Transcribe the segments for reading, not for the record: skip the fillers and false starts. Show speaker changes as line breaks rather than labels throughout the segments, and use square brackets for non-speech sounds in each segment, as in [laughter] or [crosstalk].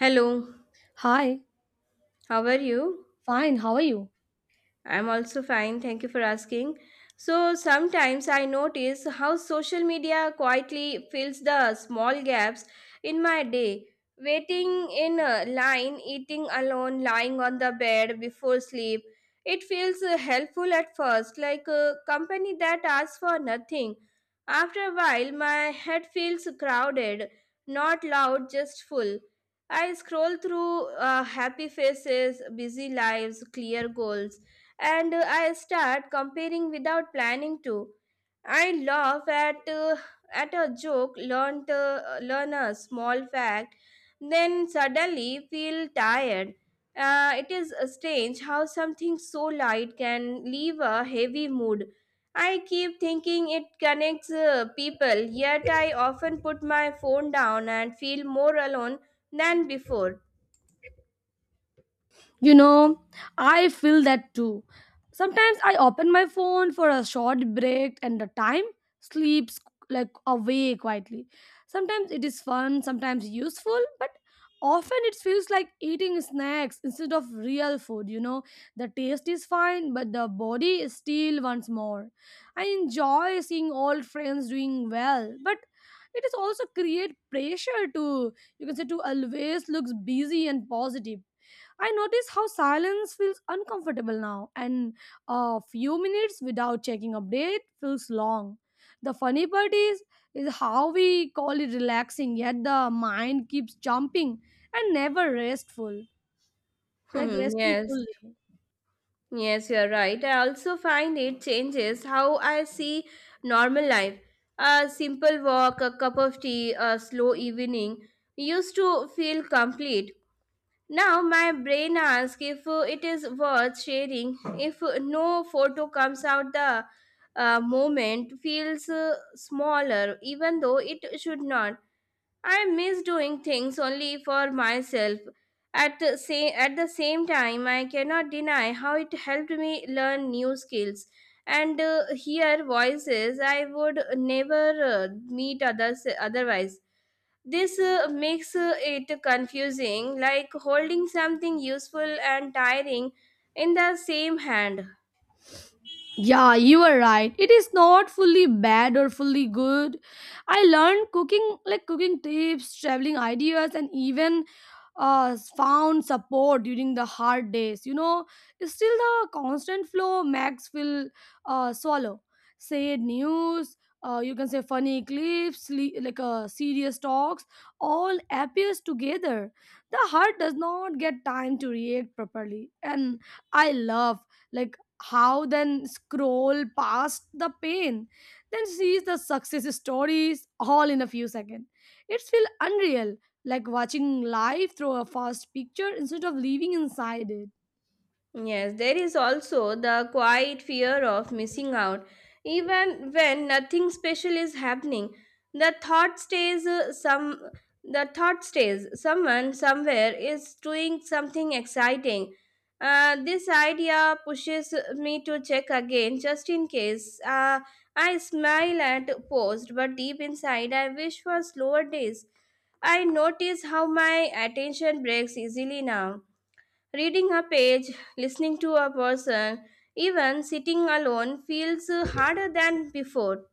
Hello,
Hi,
how are you?
fine, how are you?
I'm also fine. Thank you for asking. So sometimes I notice how social media quietly fills the small gaps in my day. Waiting in a line, eating alone, lying on the bed before sleep. It feels helpful at first, like a company that asks for nothing. After a while, my head feels crowded, not loud, just full. I scroll through happy faces, busy lives, clear goals and I start comparing without planning to. I laugh at a joke, learn a small fact, then suddenly feel tired. It is strange how something so light can leave a heavy mood. I keep thinking it connects people, yet I often put my phone down and feel more alone than before. [laughs]
You know, I feel that too. Sometimes I open my phone for a short break and the time sleeps like away quietly. Sometimes it is fun, sometimes useful, but often it feels like eating snacks instead of real food. The taste is fine, but the body is still wants more. I enjoy seeing old friends doing well, but it is also create pressure to you can say to always looks busy and positive. I notice how silence feels uncomfortable now, and a few minutes without checking update feels long. The funny part is how we call it relaxing, yet the mind keeps jumping and never restful, like
Hmm,
resting
yes.
fully.
Yes, you're right. I also find it changes how I see normal life. A simple walk, a cup of tea, a slow evening used to feel complete. Now my brain asks if it is worth sharing. If no photo comes out, the moment feels smaller, even though it should not. I miss doing things only for myself. At the same time, I cannot deny how it helped me learn new skills and hear voices I would never meet others otherwise. This makes it confusing, like holding something useful and tiring in the same hand.
Yeah, you are right. It is not fully bad or fully good. I learned cooking, like cooking tips, traveling ideas, and even found support during the hard days. You know, still the constant flow Max will swallow. Say news, you can say funny clips, like serious talks, all appears together. The heart does not get time to react properly, and I love, like, how then scroll past the pain, then sees the success stories all in a few seconds. It's feel unreal, like watching life through a fast picture instead of living inside it.
Yes, there is also the quiet fear of missing out. Even when nothing special is happening, the thought stays uh, some the thought stays someone somewhere is doing something exciting. This idea pushes me to check again just in case. I smile at post, but deep inside I wish for slower days. I notice how my attention breaks easily now. Reading a page, listening to a person, even sitting alone feels harder than before.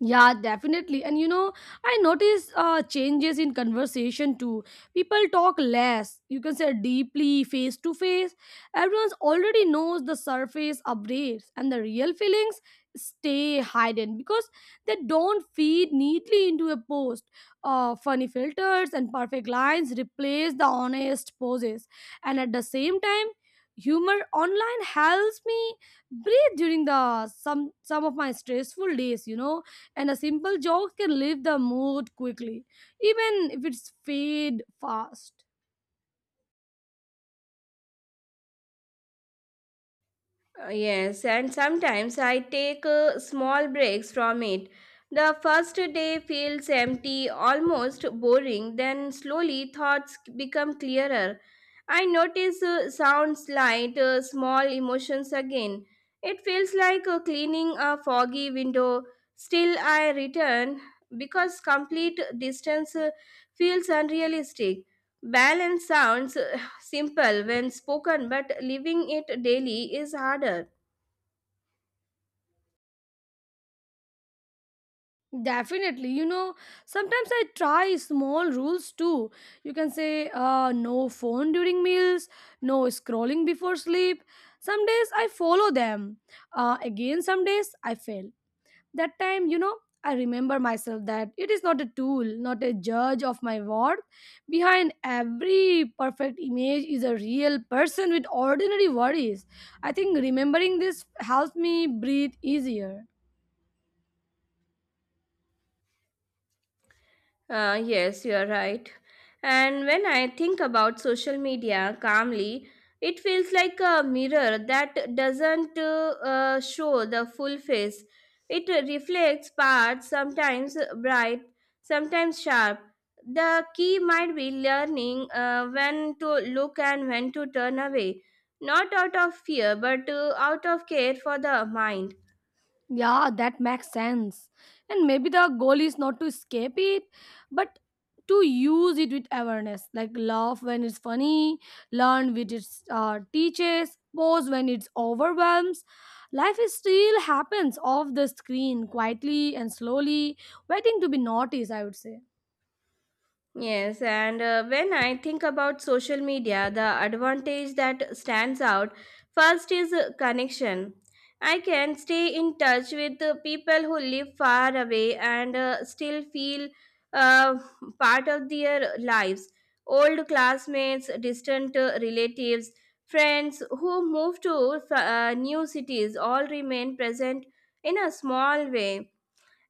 Yeah, definitely. And you know, I notice changes in conversation too. People talk less, you can say deeply, face to face. Everyone's already knows the surface updates, and the real feelings stay hidden because they don't feed neatly into a post. Funny filters and perfect lines replace the honest poses. And at the same time, humor online helps me breathe during the some of my stressful days. And a simple joke can lift the mood quickly, even if it's fade fast.
Yes, and sometimes I take small breaks from it. The first day feels empty, almost boring, then slowly thoughts become clearer. I notice sounds light, small emotions again. It feels like cleaning a foggy window. Still, I return because complete distance feels unrealistic. Balance sounds simple when spoken, but living it daily is harder.
Definitely, you know, sometimes I try small rules too. You can say no phone during meals, no scrolling before sleep. Some days I follow them, again, some days I fail. That time, you know, I remember myself that it is not a tool, not a judge of my worth. Behind every perfect image is a real person with ordinary worries. I think remembering this helps me breathe easier.
Yes, you are right. And when I think about social media calmly, it feels like a mirror that doesn't show the full face. It reflects parts, sometimes bright, sometimes sharp. The key might be learning when to look and when to turn away, not out of fear, but out of care for the mind.
Yeah, that makes sense. And maybe the goal is not to escape it, but to use it with awareness. Like laugh when it's funny, learn when it teaches, pause when it's overwhelms. Life is still happens off the screen, quietly and slowly, waiting to be noticed, I would say.
Yes, and when I think about social media, the advantage that stands out first is connection. I can stay in touch with the people who live far away and still feel uh, part of their lives. Old classmates, distant relatives, friends who move to new cities all remain present in a small way.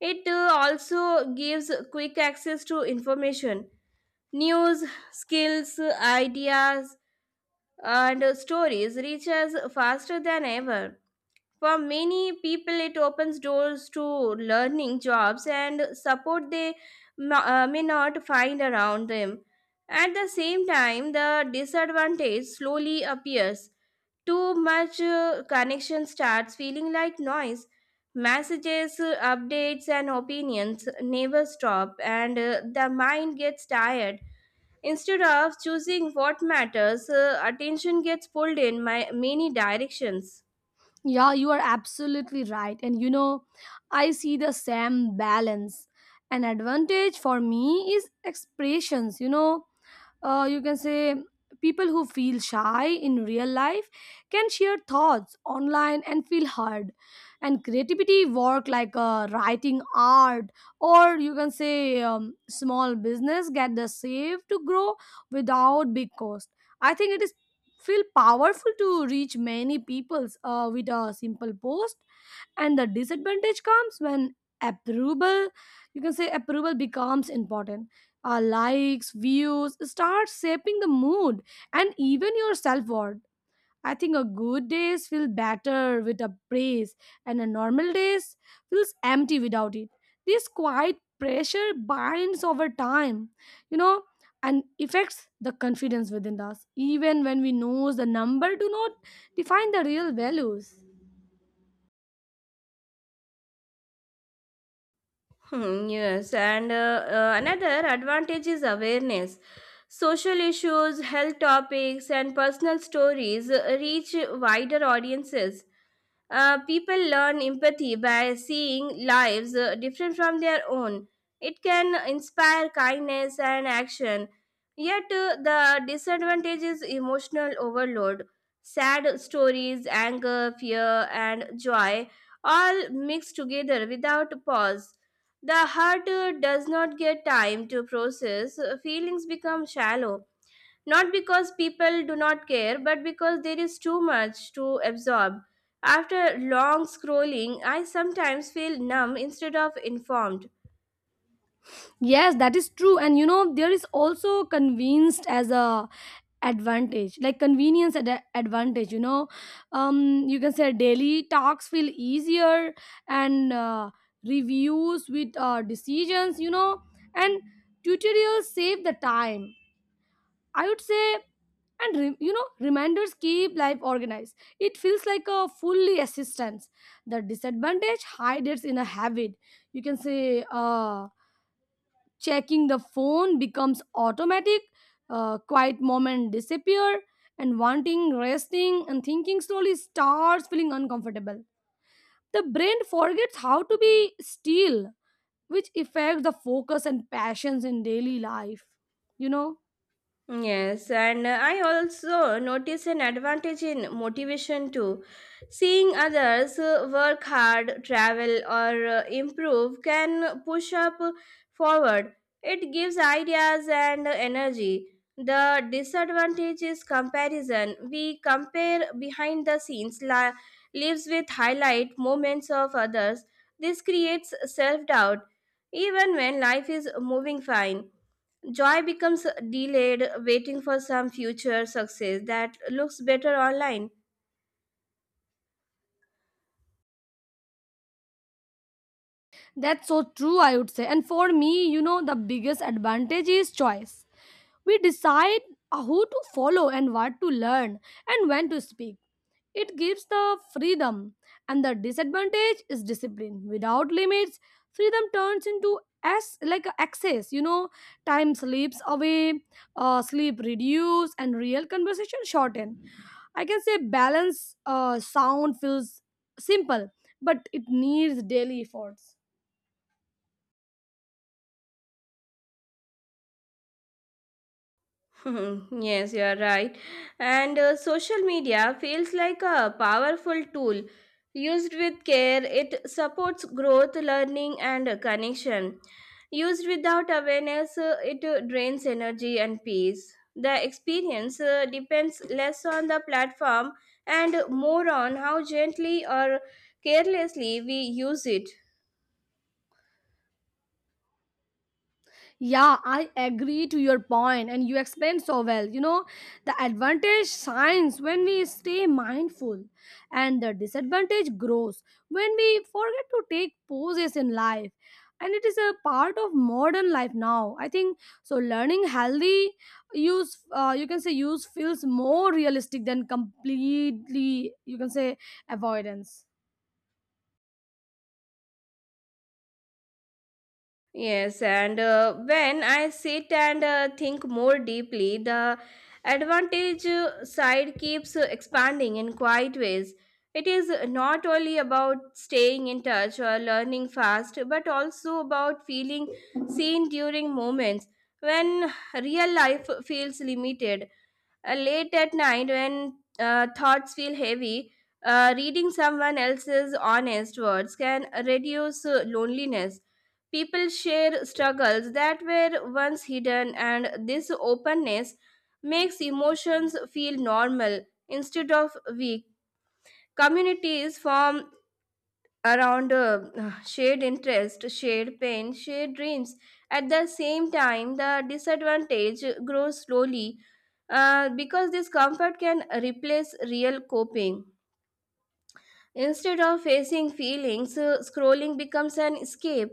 It also gives quick access to information. News, skills, ideas, and stories reach us faster than ever. For many people, it opens doors to learning jobs and support they may not find around them. At the same time, the disadvantage slowly appears. Too much connection starts feeling like noise. Messages, updates, and opinions never stop, and the mind gets tired. Instead of choosing what matters, attention gets pulled in my many directions.
Yeah, you are absolutely right. And you know, I see the same balance. An advantage for me is expressions, you know, you can say people who feel shy in real life can share thoughts online and feel heard, and creativity work like writing art, or you can say small business get the save to grow without big cost. I think it is feel powerful to reach many peoples with a simple post. And the disadvantage comes when approval, you can say approval becomes important. Our likes views start shaping the mood and even your self-worth. I think a good days feel better with a praise, and a normal days feels empty without it. This quiet pressure binds over time, you know, and affects the confidence within us, even when we know the number do not define the real values.
Hmm, yes, and another advantage is awareness. Social issues, health topics, and personal stories reach wider audiences. People learn empathy by seeing lives different from their own. It can inspire kindness and action. Yet, the disadvantage is emotional overload. Sad stories, anger, fear, and joy all mixed together without pause. The heart does not get time to process, feelings become shallow not because people do not care, but because there is too much to absorb. After long scrolling, I sometimes feel numb instead of informed.
Yes, that is true. And you know, there is also convinced as a advantage, like convenience advantage. You know, you can say daily talks feel easier and reviews with decisions. You know, and tutorials save the time, I would say. And you know, reminders keep life organized. It feels like a fully assistance. The disadvantage hides in a habit. You can say. Checking the phone becomes automatic, quiet moment disappear, and wanting resting and thinking slowly starts feeling uncomfortable. The brain forgets how to be still, which affects the focus and passions in daily life, you know.
Yes, and I also notice an advantage in motivation too. Seeing others work hard, travel, or improve can push up forward. It gives ideas and energy. The disadvantage is comparison. We compare behind the scenes, lives with highlight moments of others. This creates self doubt, even when life is moving fine. Joy becomes delayed, waiting for some future success that looks better online.
That's so true, I would say. And for me, you know, the biggest advantage is choice. We decide who to follow, and what to learn, and when to speak. It gives the freedom, and the disadvantage is discipline. Without limits, freedom turns into as like a access. You know, time slips away, sleep reduce, and real conversation shorten. I can say balance. Sound feels simple, but it needs daily efforts.
[laughs] Yes, you are right. And social media feels like a powerful tool. Used with care, it supports growth, learning, and connection. Used without awareness, it drains energy and peace. The experience depends less on the platform and more on how gently or carelessly we use it.
Yeah, I agree to your point, and you explained so well. You know, the advantage shines when we stay mindful, and the disadvantage grows when we forget to take pauses in life. And it is a part of modern life now, I think so. Learning healthy use, you can say, use feels more realistic than completely, you can say, avoidance.
Yes, and when I sit and think more deeply, the advantage side keeps expanding in quiet ways. It is not only about staying in touch or learning fast, but also about feeling seen during moments when real life feels limited. Late at night, when thoughts feel heavy, reading someone else's honest words can reduce loneliness. People share struggles that were once hidden, and this openness makes emotions feel normal instead of weak. Communities form around [sighs] shared interest, shared pain, shared dreams. At the same time, the disadvantage grows slowly because this comfort can replace real coping. Instead of facing feelings, scrolling becomes an escape.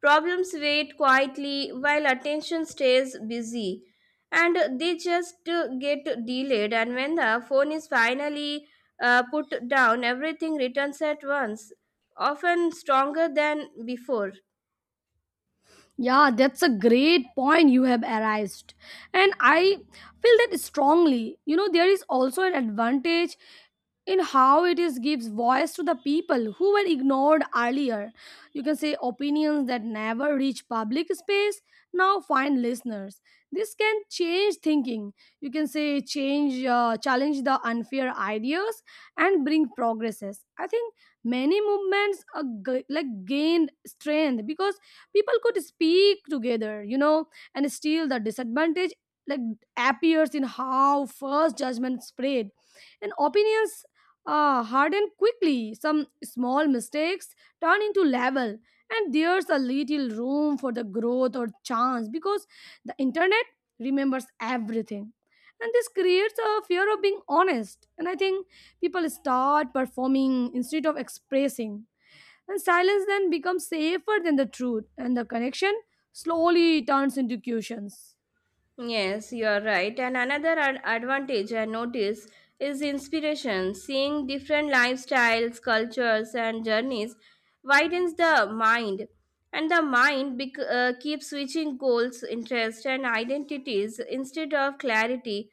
Problems wait quietly while attention stays busy and they just get delayed. And when the phone is finally put down, everything returns at once, often stronger than before.
Yeah, that's a great point you have arised. And I feel that strongly. You know, there is also an advantage in how it is gives voice to the people who were ignored earlier. You can say opinions that never reach public space now find listeners. This can change thinking. You can say change, challenge the unfair ideas and bring progresses. I think many movements like gained strength because people could speak together, you know. And still the disadvantage, like, appears in how first judgment spread and opinions harden quickly. Some small mistakes turn into level, and there's a little room for the growth or chance, because the internet remembers everything, and this creates a fear of being honest. And I think people start performing instead of expressing, and silence then becomes safer than the truth, and the connection slowly turns into cushions.
Yes, you are right. And another advantage I notice is inspiration. Seeing different lifestyles, cultures, and journeys widens the mind, and the mind keeps switching goals, interests, and identities instead of clarity.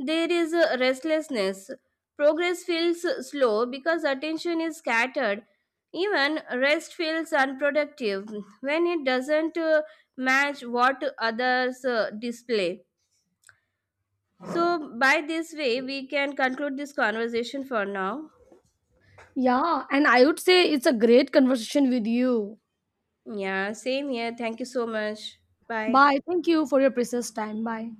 There is a restlessness. Progress feels slow because attention is scattered. Even rest feels unproductive when it doesn't match what others display. So, by this way, we can conclude this conversation for now.
Yeah, and I would say it's a great conversation with you.
Yeah, same here. Thank you so much. Bye.
Bye. Thank you for your precious time. Bye.